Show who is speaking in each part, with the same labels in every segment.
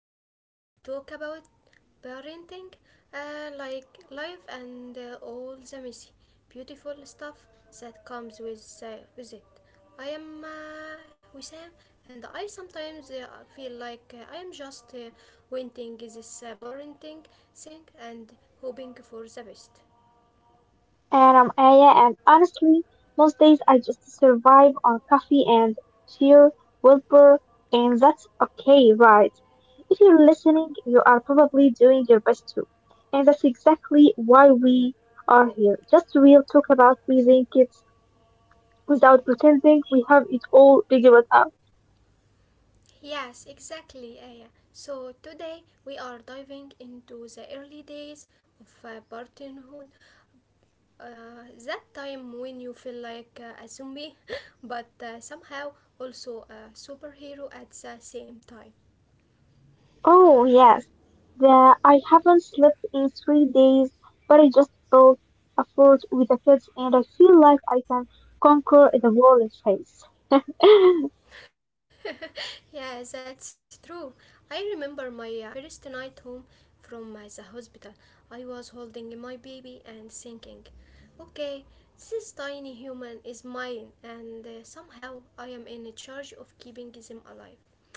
Speaker 1: just talk about parenting, like life and all the messy, beautiful stuff that comes with it. I am Wissam and I sometimes feel like I am just wanting this parenting thing and hoping for the best.
Speaker 2: And I'm Aya, and honestly, most days I just survive on coffee and sheer willpower, and that's okay, right? If you're listening, you are probably doing your best too. And that's exactly why we are here. Just real talk about raising kids without pretending we have it all figured out.
Speaker 1: Yes, exactly, Aya. So today we are diving into the early days of parenthood, that time when you feel like a zombie, but somehow also a superhero at the same time.
Speaker 2: Oh yes, the I haven't slept in 3 days, but I just built a fort with the kids, and I feel like I can conquer the world face.
Speaker 1: Yeah, that's true. I remember my first night home from the hospital. I was holding my baby and thinking, okay, this tiny human is mine, and somehow I am in charge of keeping them alive.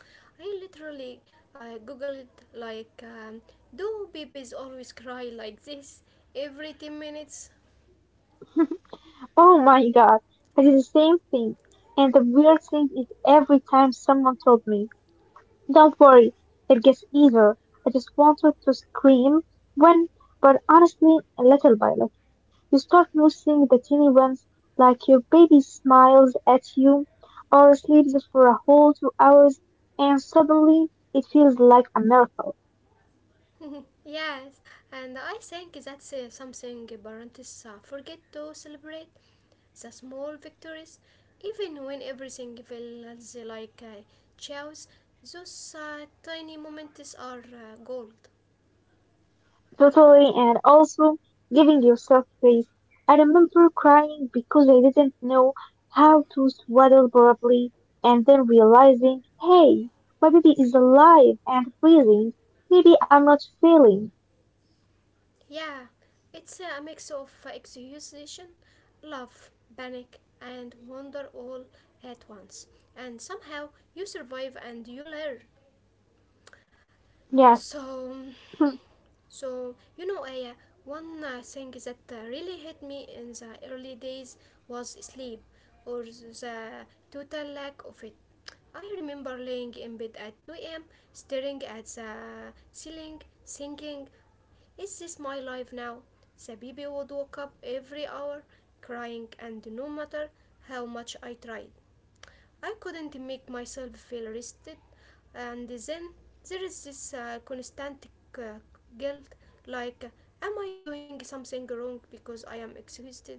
Speaker 1: I literally googled, like, um, do babies always cry like this every 10 minutes?
Speaker 2: oh my god, I did the same thing, and the weird thing is every time someone told me, "Don't worry, it gets easier," I just wanted to scream. When, but honestly, little by little. You start noticing the teeny ones, like your baby smiles at you or sleeps for a whole 2 hours, and suddenly it feels like a miracle.
Speaker 1: Yes, and I think that's something parents forget to celebrate. The small victories, even when everything feels like chaos, those tiny moments are gold.
Speaker 2: Totally, and also giving yourself grace. I remember crying because I didn't know how to swaddle properly, and then realizing, hey, my baby is alive and breathing. Maybe I'm not failing.
Speaker 1: Yeah, it's a mix of exhaustion, love, panic, and wonder all at once. And somehow you survive and you learn.
Speaker 2: Yes.
Speaker 1: So, so, you know, Aya, one thing that really hit me in the early days was sleep, or the total lack of it. I remember laying in bed at 2 a.m., staring at the ceiling, thinking, is this my life now? The baby would wake up every hour, crying, and no matter how much I tried, I couldn't make myself feel rested. And then there is this constant uh, guilt like, am I doing something wrong because I am exhausted?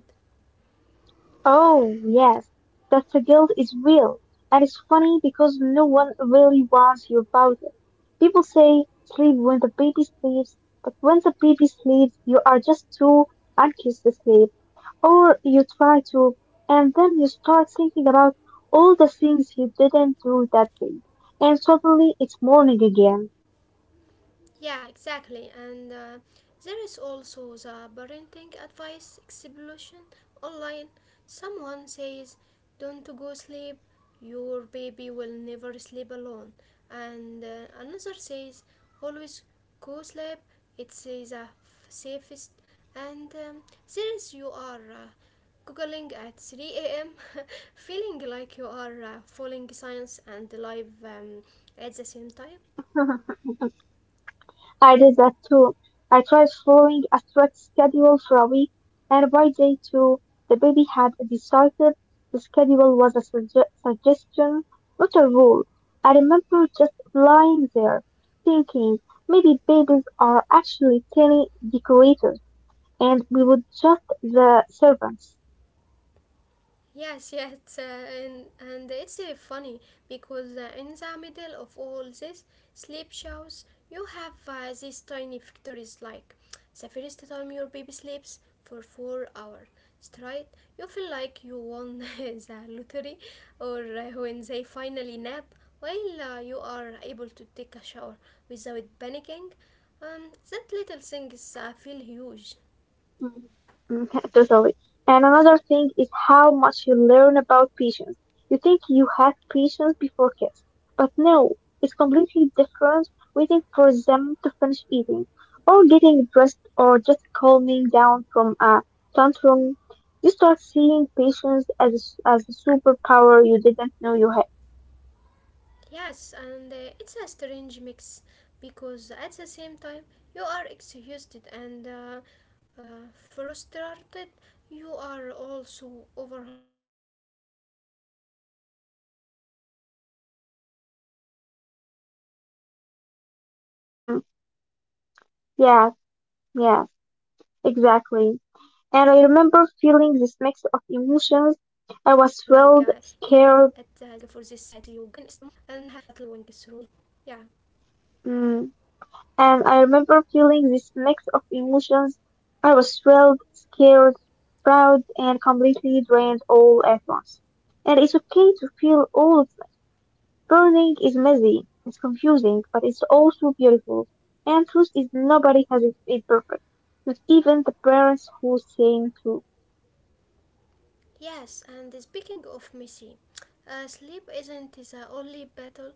Speaker 2: Oh, yes, that the guilt is real. And it's funny because no one really warns you about it. People say sleep when the baby sleeps, but when the baby sleeps, you are just too anxious to sleep, or you try to, and then you start thinking about all the things you didn't do that day. And suddenly it's morning again.
Speaker 1: Yeah, exactly. And there is also the parenting advice explosion online. Someone says, don't go sleep, your baby will never sleep alone. And another says, always go sleep, it's the safest. And there is you are. Googling at 3 a.m., feeling like you are following science and live at the same time.
Speaker 2: I did that too. I tried following a strict schedule for a week, and by day two, the baby had decided the schedule was a suggestion, not a rule. I remember just lying there, thinking maybe babies are actually tiny decorators, and we would just the servants.
Speaker 1: Yes, yes, and it's funny because in the middle of all these sleep shows, you have these tiny victories. Like the first time your baby sleeps for 4 hours straight, you feel like you won the lottery, or when they finally nap while you are able to take a shower without panicking. That little things feel huge.
Speaker 2: Mhm. Mhm, totally. And another thing is how much you learn about patience. You think you have patience before kids, but no, it's completely different waiting for them to finish eating, or getting dressed, or just calming down from a tantrum. You start seeing patience as as a superpower you didn't know you had.
Speaker 1: Yes, and it's a strange mix because at the same time you are exhausted and uh, frustrated, you are also overwhelmed with love. Like, even in the hardest moments, you just stare at them and
Speaker 2: Mm,
Speaker 1: think, wow, I would
Speaker 2: yeah,
Speaker 1: do anything
Speaker 2: yeah,
Speaker 1: for this tiny human.
Speaker 2: exactly. And I
Speaker 1: And
Speaker 2: remember feeling
Speaker 1: somehow
Speaker 2: this mix
Speaker 1: that
Speaker 2: of
Speaker 1: love
Speaker 2: emotions.
Speaker 1: keeps you
Speaker 2: I was
Speaker 1: going
Speaker 2: thrilled,
Speaker 1: through sleeps
Speaker 2: scared,
Speaker 1: night. Yeah.
Speaker 2: mm, And I remember feeling this mix of emotions. I was thrilled, scared, proud, and completely drained all at once. And it's okay to feel all of that. Burning is messy, it's confusing, but it's also beautiful. And truth is nobody has it perfect. Not even the parents who sing true.
Speaker 1: Yes, and speaking of messy, sleep isn't the only battle.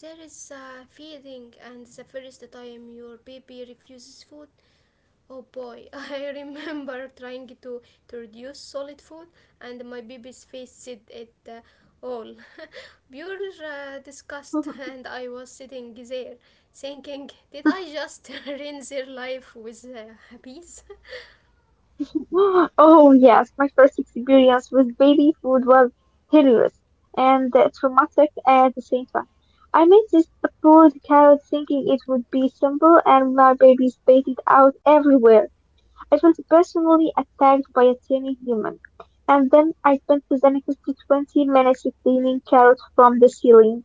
Speaker 1: There is feeding, and the first time your baby refuses food. Oh boy, I remember to reduce solid food, and my baby's face said it all. Pure disgust, and I was sitting there thinking, did I just ruin their life with a piece?
Speaker 2: Oh, yes, my first experience with baby food was hilarious and traumatic at the same time. I made this boiled carrot thinking it would be simple, and my baby spat it out everywhere. I felt personally attacked by a tiny human. And then I spent the next 20 minutes cleaning carrots from the ceiling.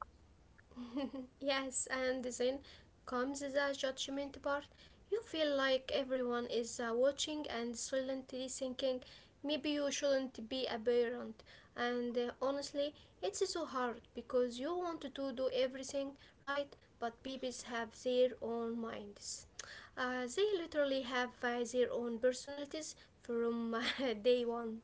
Speaker 1: Yes, and then comes the judgment part. You feel like everyone is watching and silently thinking, maybe you shouldn't be a parent. And honestly, it's so hard because you want to do everything right, but babies have their own minds. They literally have their own personalities from day one.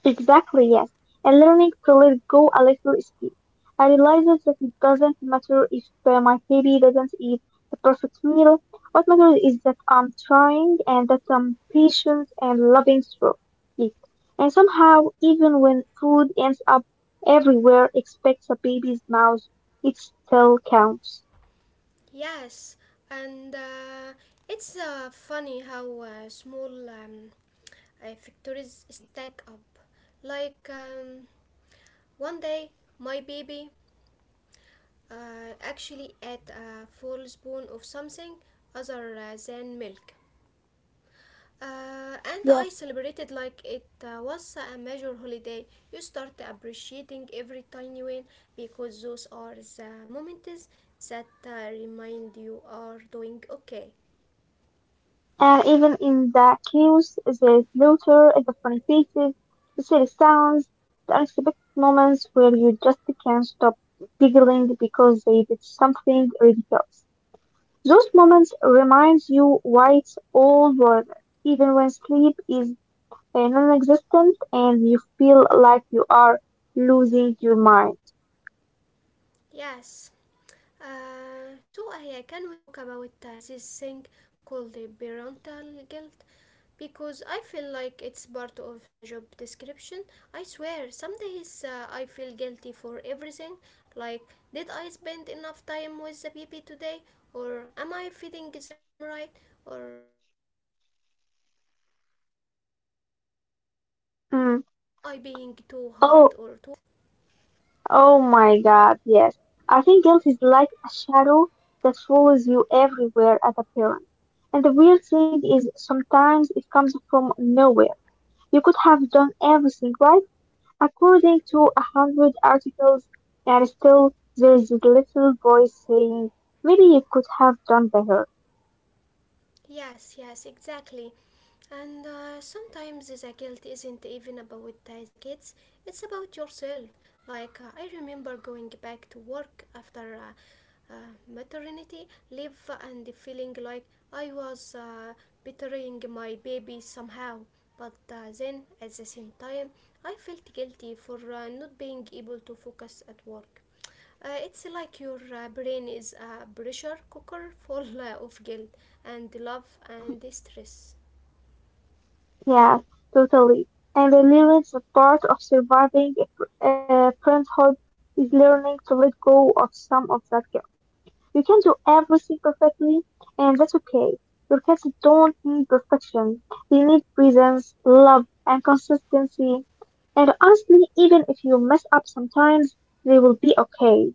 Speaker 2: Exactly, yes. And learning to let go a little is key. I realized that it doesn't matter if my baby doesn't eat the perfect meal. What matters is that I'm trying and that I'm patient and loving through it. And somehow, even when food ends up everywhere except a baby's mouth, it still counts.
Speaker 1: Yes, and it's funny how small factories stack up. Like um, One day, my baby actually ate a full spoon of something other than milk. And
Speaker 2: Yes.
Speaker 1: I celebrated like it was a major holiday. You start appreciating every tiny win because those are the moments that remind you are doing okay.
Speaker 2: And even in the chaos, the slaughter, the funny faces, the silly sounds, the unexpected moments where you just can't stop giggling because they did something ridiculous. Those moments remind you why it's all worth it, even when sleep is non-existent and you feel like you are losing your mind.
Speaker 1: Yes. So I Can we talk about this thing called the parental guilt? Because I feel like it's part of the job description. I swear, some days I feel guilty for everything. Like, did I spend enough time with the baby today? Or am I feeding them right? Or even, am I being too hard or too soft? It's a
Speaker 2: Mm.
Speaker 1: constant.
Speaker 2: Oh, Oh my God, yes. I think guilt is like a shadow that follows you everywhere as a parent. And the weird thing is, sometimes it comes from nowhere. You could have done everything right, according to a hundred articles, and still there is this little voice saying, maybe you could have done better.
Speaker 1: Yes, yes, exactly. And sometimes the guilt isn't even about the kids, it's about yourself. Like, I remember going back to work after maternity leave and feeling like I was betraying my baby somehow. But then at the same time, I felt guilty for not being able to focus at work. It's like your brain is a pressure cooker full of guilt and love and stress.
Speaker 2: Yeah, totally. And the lyrics a part of surviving parenthood is learning to let go of some of that. You can do everything perfectly, and that's okay. Your cats don't need perfection. They need presence, love, and consistency. And honestly, even if you mess up sometimes, they will be okay.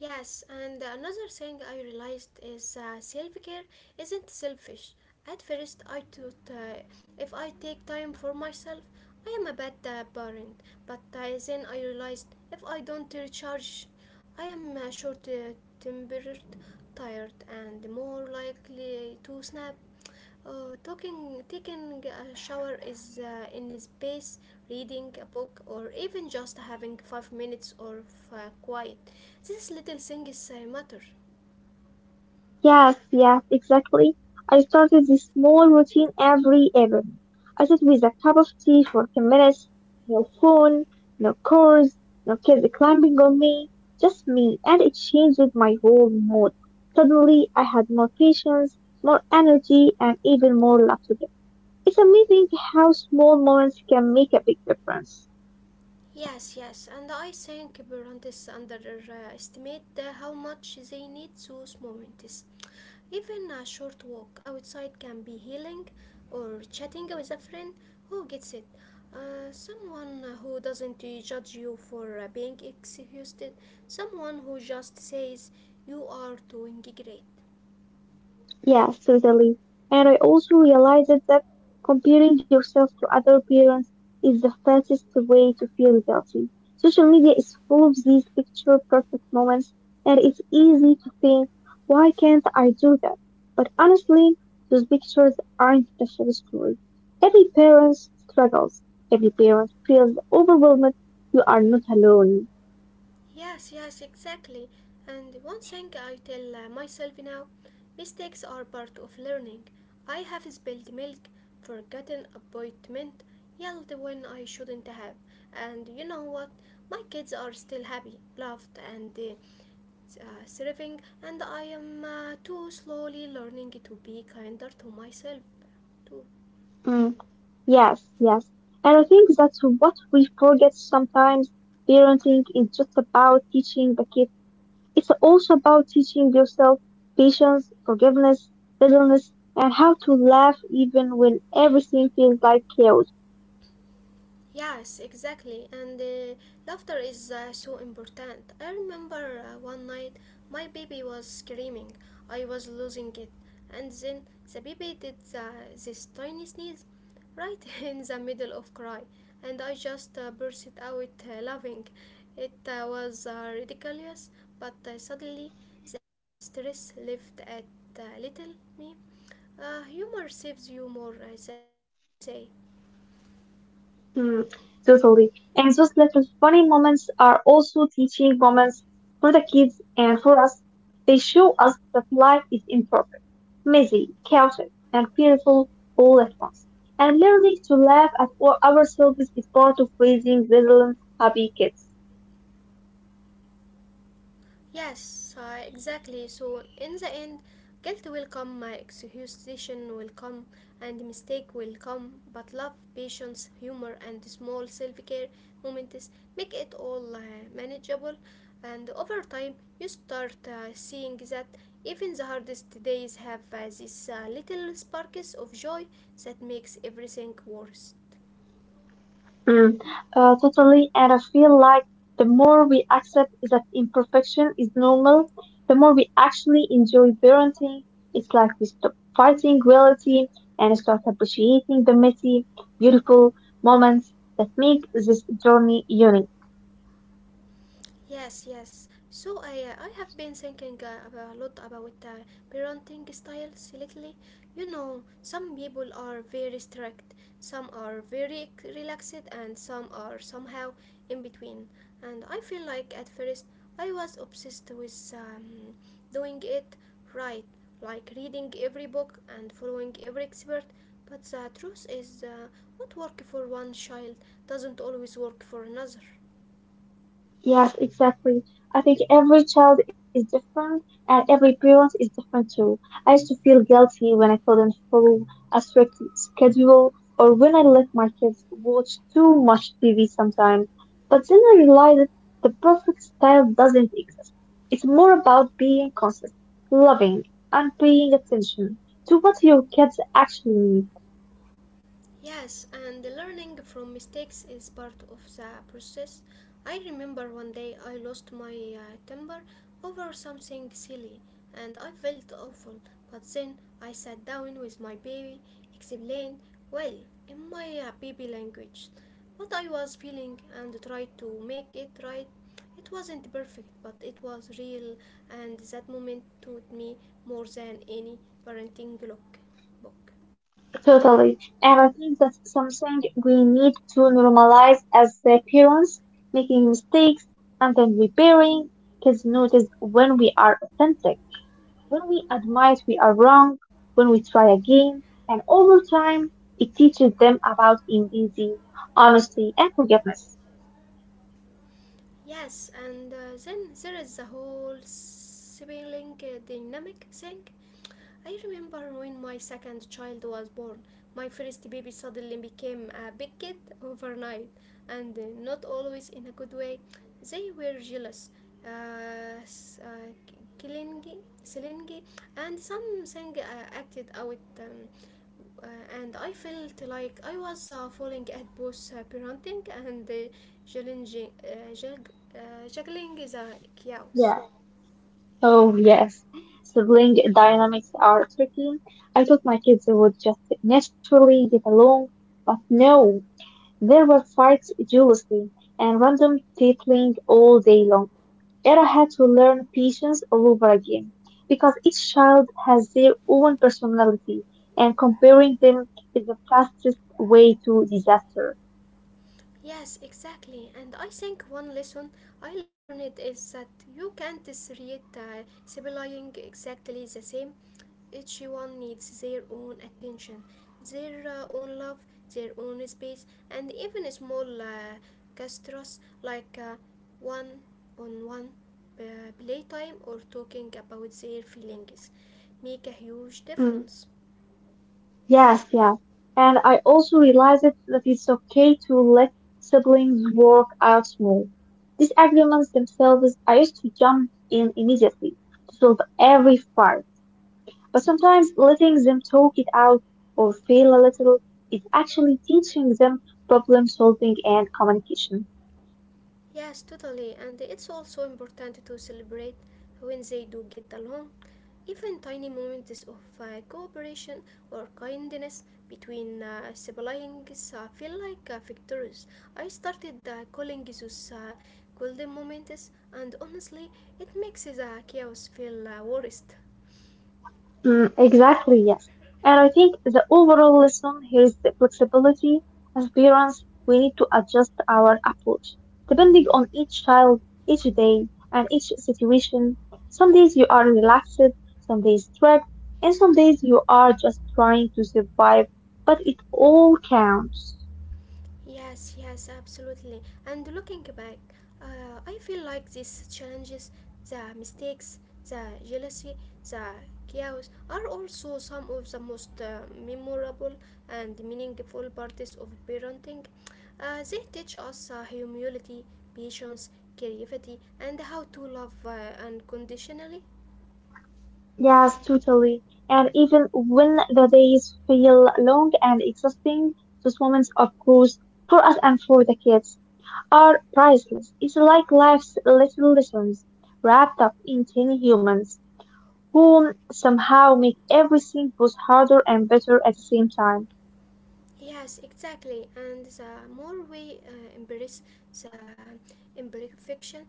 Speaker 1: Yes, and another thing I realized is self care isn't selfish. At first, I thought if I take time for myself, I am a bad parent. But then I realized if I don't recharge, I am short tempered, tired, and more likely to snap. Oh, taking a shower is in space, reading a book, or even just having 5 minutes of quiet. These little things matter.
Speaker 2: Yes, yes, exactly. I started this small routine every evening. I sit with a cup of tea for 10 minutes, no phone, no chores, no kids climbing on me, just me, and it changed my whole mood. Suddenly, I had more patience, more energy, and even more love to give. It's amazing how small moments can make a big difference.
Speaker 1: Yes, yes, and I think parents underestimate how much they need those moments. Even a short walk outside can be healing, or chatting with a friend who gets it. Someone who doesn't judge you for being excused, someone who just says you are doing great.
Speaker 2: Yes, certainly. And I also realized that comparing yourself to other parents is the fastest way to feel guilty. Social media is full of these picture perfect moments, and it's easy to think, why can't I do that? But honestly, those pictures aren't the full story. Every parent struggles. Every parent feels overwhelmed. You are not alone.
Speaker 1: Yes, yes, exactly. And one thing I tell myself now, mistakes are part of learning. I have spilled milk, forgotten appointment, yelled when I shouldn't have. And you know what? My kids are still happy, loved, and thriving, and I am too slowly learning to be kinder to myself, too.
Speaker 2: Yes, yes. And I think that's what we forget sometimes. Parenting is just about teaching the kid. It's also about teaching yourself patience, forgiveness, gentleness, and how to laugh even when everything feels like chaos.
Speaker 1: Yes, exactly. And laughter is so important. I remember one night my baby was screaming. I was losing it. And then the baby did this tiny sneeze right in the middle of cry. And I just burst out laughing. It was ridiculous, but suddenly the stress left at little me. Humor saves you more than people say.
Speaker 2: Mm, totally. And those little funny moments are also teaching moments for the kids and for us. They show us that life is imperfect, messy, chaotic, and beautiful all at once. And learning to laugh at all ourselves is part of raising resilient, happy kids.
Speaker 1: Yes, exactly. So, in the end, guilt will come, my exhaustion will come, and mistake will come, but love, patience, humor, and small self care moments make it all manageable. And over time, you start seeing that even the hardest days have these little sparks of joy that makes everything worth.
Speaker 2: Mm, totally. And I feel like the more we accept that imperfection is normal, the more we actually enjoy parenting. It's like we stop fighting reality and start appreciating the messy, beautiful moments that make this journey unique.
Speaker 1: Yes, yes. I have been thinking a lot about parenting styles lately. You know, some people are very strict, some are very relaxed, and some are somehow in between. And I feel like at first I was obsessed with doing it right, like reading every book and following every expert. But the truth is, what works for one child doesn't always work for another.
Speaker 2: Yes, exactly. I think every child is different and every parent is different too. I used to feel guilty when I couldn't follow a strict schedule or when I let my kids watch too much TV sometimes. But then I realized the perfect style doesn't exist. It's more about being consistent, loving, and paying attention to what your kids actually need.
Speaker 1: Yes, and the learning from mistakes is part of the process. I remember one day I lost my temper over something silly and I felt awful, but then I sat down with my baby, explained, well, in my baby language, what I was feeling and tried to make it right. It wasn't perfect, but it was real, and that moment taught me more than any parenting book.
Speaker 2: Totally. And I think that's something we need to normalize as parents, making mistakes and then repairing. Kids notice when we are authentic, when we admit we are wrong, when we try again. And over time, it teaches them about empathy, honesty, and forgiveness.
Speaker 1: Yes, and then there is the whole sibling dynamic thing. I remember when my second child was born, my first baby suddenly became a big kid overnight, and not always in a good way. They were jealous, uh, s- uh, clingy, clingy, and something acted out. And I felt like I was falling at both parenting and juggling the
Speaker 2: Yeah.
Speaker 1: chaos.
Speaker 2: Oh, yes. Sibling dynamics are tricky. I thought my kids would just naturally get along, but no, there were fights duelistry and random battling all day long. Era had to learn patience all over again because each child has their own personality and comparing them is the fastest way to disaster.
Speaker 1: Yes, exactly. And I think one lesson I learned is that you can't create sibling exactly the same. Each one needs their own attention, their own love, their own space, and even small gestures like one on one uh, playtime or talking about their feelings make a huge
Speaker 2: Mm,
Speaker 1: difference.
Speaker 2: yes, yes. And I also realized that it's okay to let siblings work out more. These arguments themselves, I used to jump in immediately to solve every fight. But sometimes letting them talk it out or fail a little is actually teaching them problem solving and communication.
Speaker 1: Yes, totally, and it's also important to celebrate when they do get along. Even tiny moments of cooperation or kindness between siblings feel like victories. I started calling those golden moments, and honestly, it makes the chaos feel worst.
Speaker 2: Mm, exactly, yes. And I think the overall lesson here is the flexibility. As parents, we need to adjust our approach depending on each child, each day, and each situation. Some days you are relaxed, some days strict, and some days you are just trying to survive, but it all counts.
Speaker 1: Yes, yes, absolutely. And looking back, I feel like these challenges, the mistakes, the jealousy, the chaos are also some of the most memorable and meaningful parts of parenting. They teach us humility, patience, creativity, and how to love unconditionally.
Speaker 2: Yes, totally. And even when the days feel long and exhausting, those moments, of course, for us and for the kids, are priceless. It's like life's little lessons wrapped up in tiny humans who somehow make everything both harder and better at the same time.
Speaker 1: Yes, exactly. And the more we embrace the imperfection,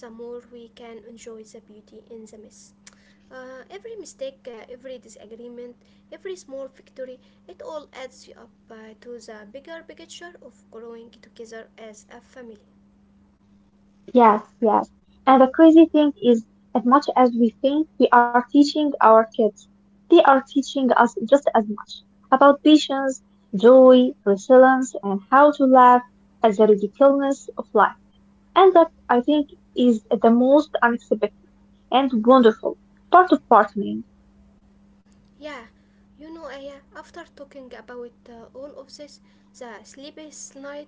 Speaker 1: the more we can enjoy the beauty in the mess. Every mistake, every disagreement, every small victory, it all adds up to the bigger picture of growing together as a family.
Speaker 2: Yes, yes. And the crazy thing is, as much as we think we are teaching our kids, they are teaching us just as much about patience, joy, resilience, and how to laugh at the ridiculousness of life. And that, I think, is the most unexpected and wonderful part of partnering.
Speaker 1: Yeah, you know, Aya, after talking about all of this, the sleepless night,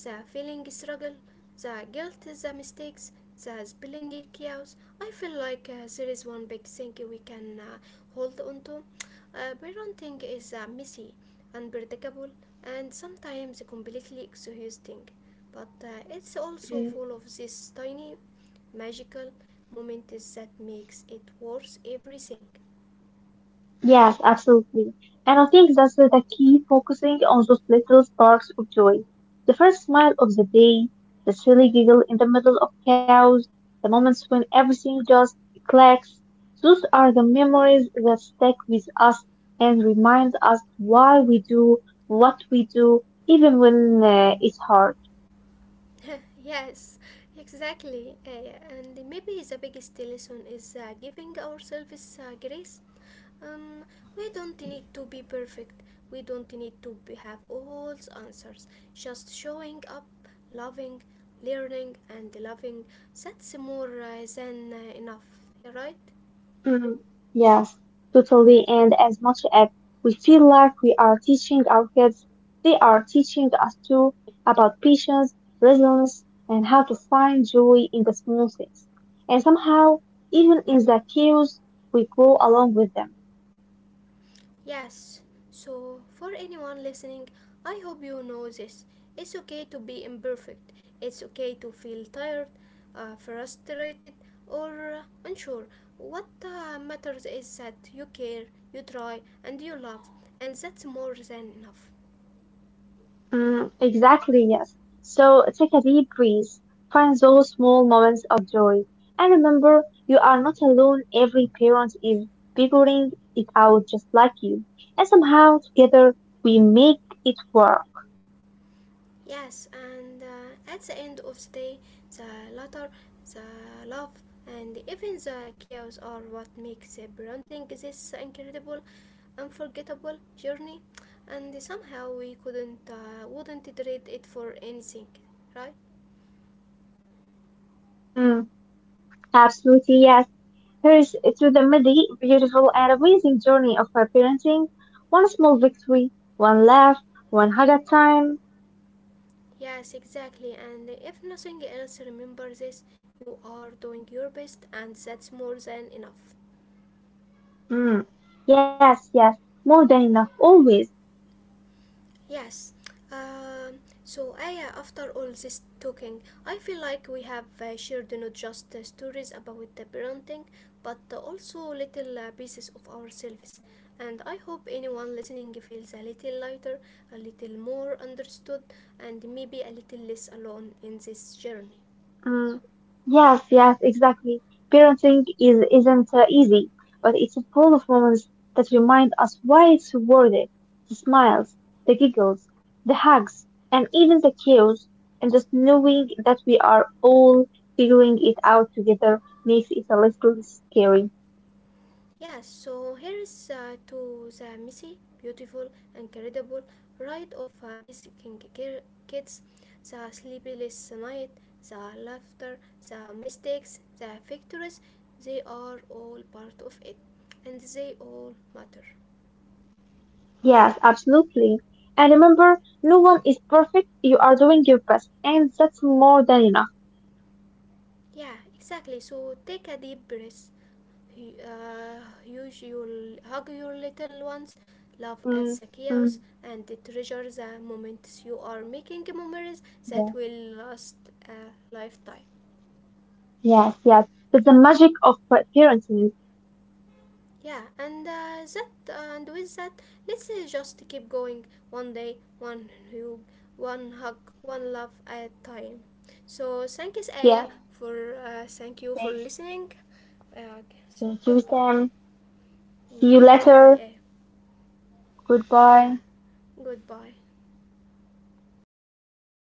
Speaker 1: the feeling struggle, the guilt, the mistakes, the spilling chaos, I feel like there is one big thing we can hold on to. Parenting is messy, unpredictable, and sometimes completely exhausting, but it's also full of these tiny, magical moments that makes it worth everything.
Speaker 2: Yes, absolutely. And I think that's the key, focusing on those little sparks of joy. The first smile of the day, the silly giggle in the middle of chaos, the moments when everything just clicks. Those are the memories that stick with us and remind us why we do what we do, even when it's hard.
Speaker 1: Yes, exactly. And maybe the biggest lesson is giving ourselves grace. Um, we don't need to be perfect. We don't need to be, have all the answers. Just showing up, loving, learning, and loving. That's more than enough. You're right.
Speaker 2: Mm, yes, totally. And as much as we feel like we are teaching our kids, they are teaching us too about patience, resilience, and how to find joy in the small things. And somehow, even in the chaos, we grow along with them.
Speaker 1: Yes, so for anyone listening, I hope you know this. It's okay to be imperfect. It's okay to feel tired, frustrated, or unsure. What matters is that you care, you try, and you love, and that's more than enough.
Speaker 2: Mm, exactly, yes. So take a deep breath, find those small moments of joy, and remember you are not alone. Every parent is figuring it out just like you, and somehow together we make it work.
Speaker 1: Yes, and at the end of the day, the laughter, the love, and even the chaos are what makes the parenting this incredible, unforgettable journey. And somehow we couldn't, wouldn't trade it for anything, right?
Speaker 2: Mm, absolutely, yes. Here's to the midi, beautiful and amazing journey of our parenting. One small victory, one laugh, one hug at time.
Speaker 1: Yes, exactly. And if nothing else, remember this: you are doing your best, and that's more than enough.
Speaker 2: Mm, yes, yes, more than enough, always.
Speaker 1: Yes. So, Aya, after all this talking, I feel like we have shared not just stories about the parenting, but also little pieces of ourselves. And I hope anyone listening feels a little lighter, a little more understood, and maybe a little less alone in this journey.
Speaker 2: Mm, yes, yes, exactly. Parenting is isn't easy, but it's full of moments that remind us why it's worth it. The smiles, the giggles, the hugs, and even the chaos, and just knowing that we are all figuring it out together makes it a little scary.
Speaker 1: Yes, so here is to the messy, beautiful, incredible ride of raising kids, the sleepless night, the laughter, the mistakes, the victories, they are all part of it, and they all matter.
Speaker 2: Yes, absolutely. And remember, no one is perfect. You are doing your best, and that's more than enough.
Speaker 1: Yeah, exactly. So take a deep breath. Hu- use your Hug your little ones. Laugh at
Speaker 2: Mm,
Speaker 1: the chaos
Speaker 2: mm.
Speaker 1: and treasure the moments you are making memories
Speaker 2: Yeah.
Speaker 1: that will last a lifetime.
Speaker 2: Yes, yes. But the magic of parenting.
Speaker 1: Yeah, and that and with that, let's just keep going one day, one hug, one love at a time. So thank you, Aya,
Speaker 2: Yes.
Speaker 1: for thank you for
Speaker 2: Thanks.
Speaker 1: listening. Uh, so
Speaker 2: Thank you,
Speaker 1: goodbye.
Speaker 2: Sam. See you
Speaker 1: Mm, good boy,
Speaker 2: later.
Speaker 1: eh?
Speaker 2: Goodbye.
Speaker 1: Yeah, good boy.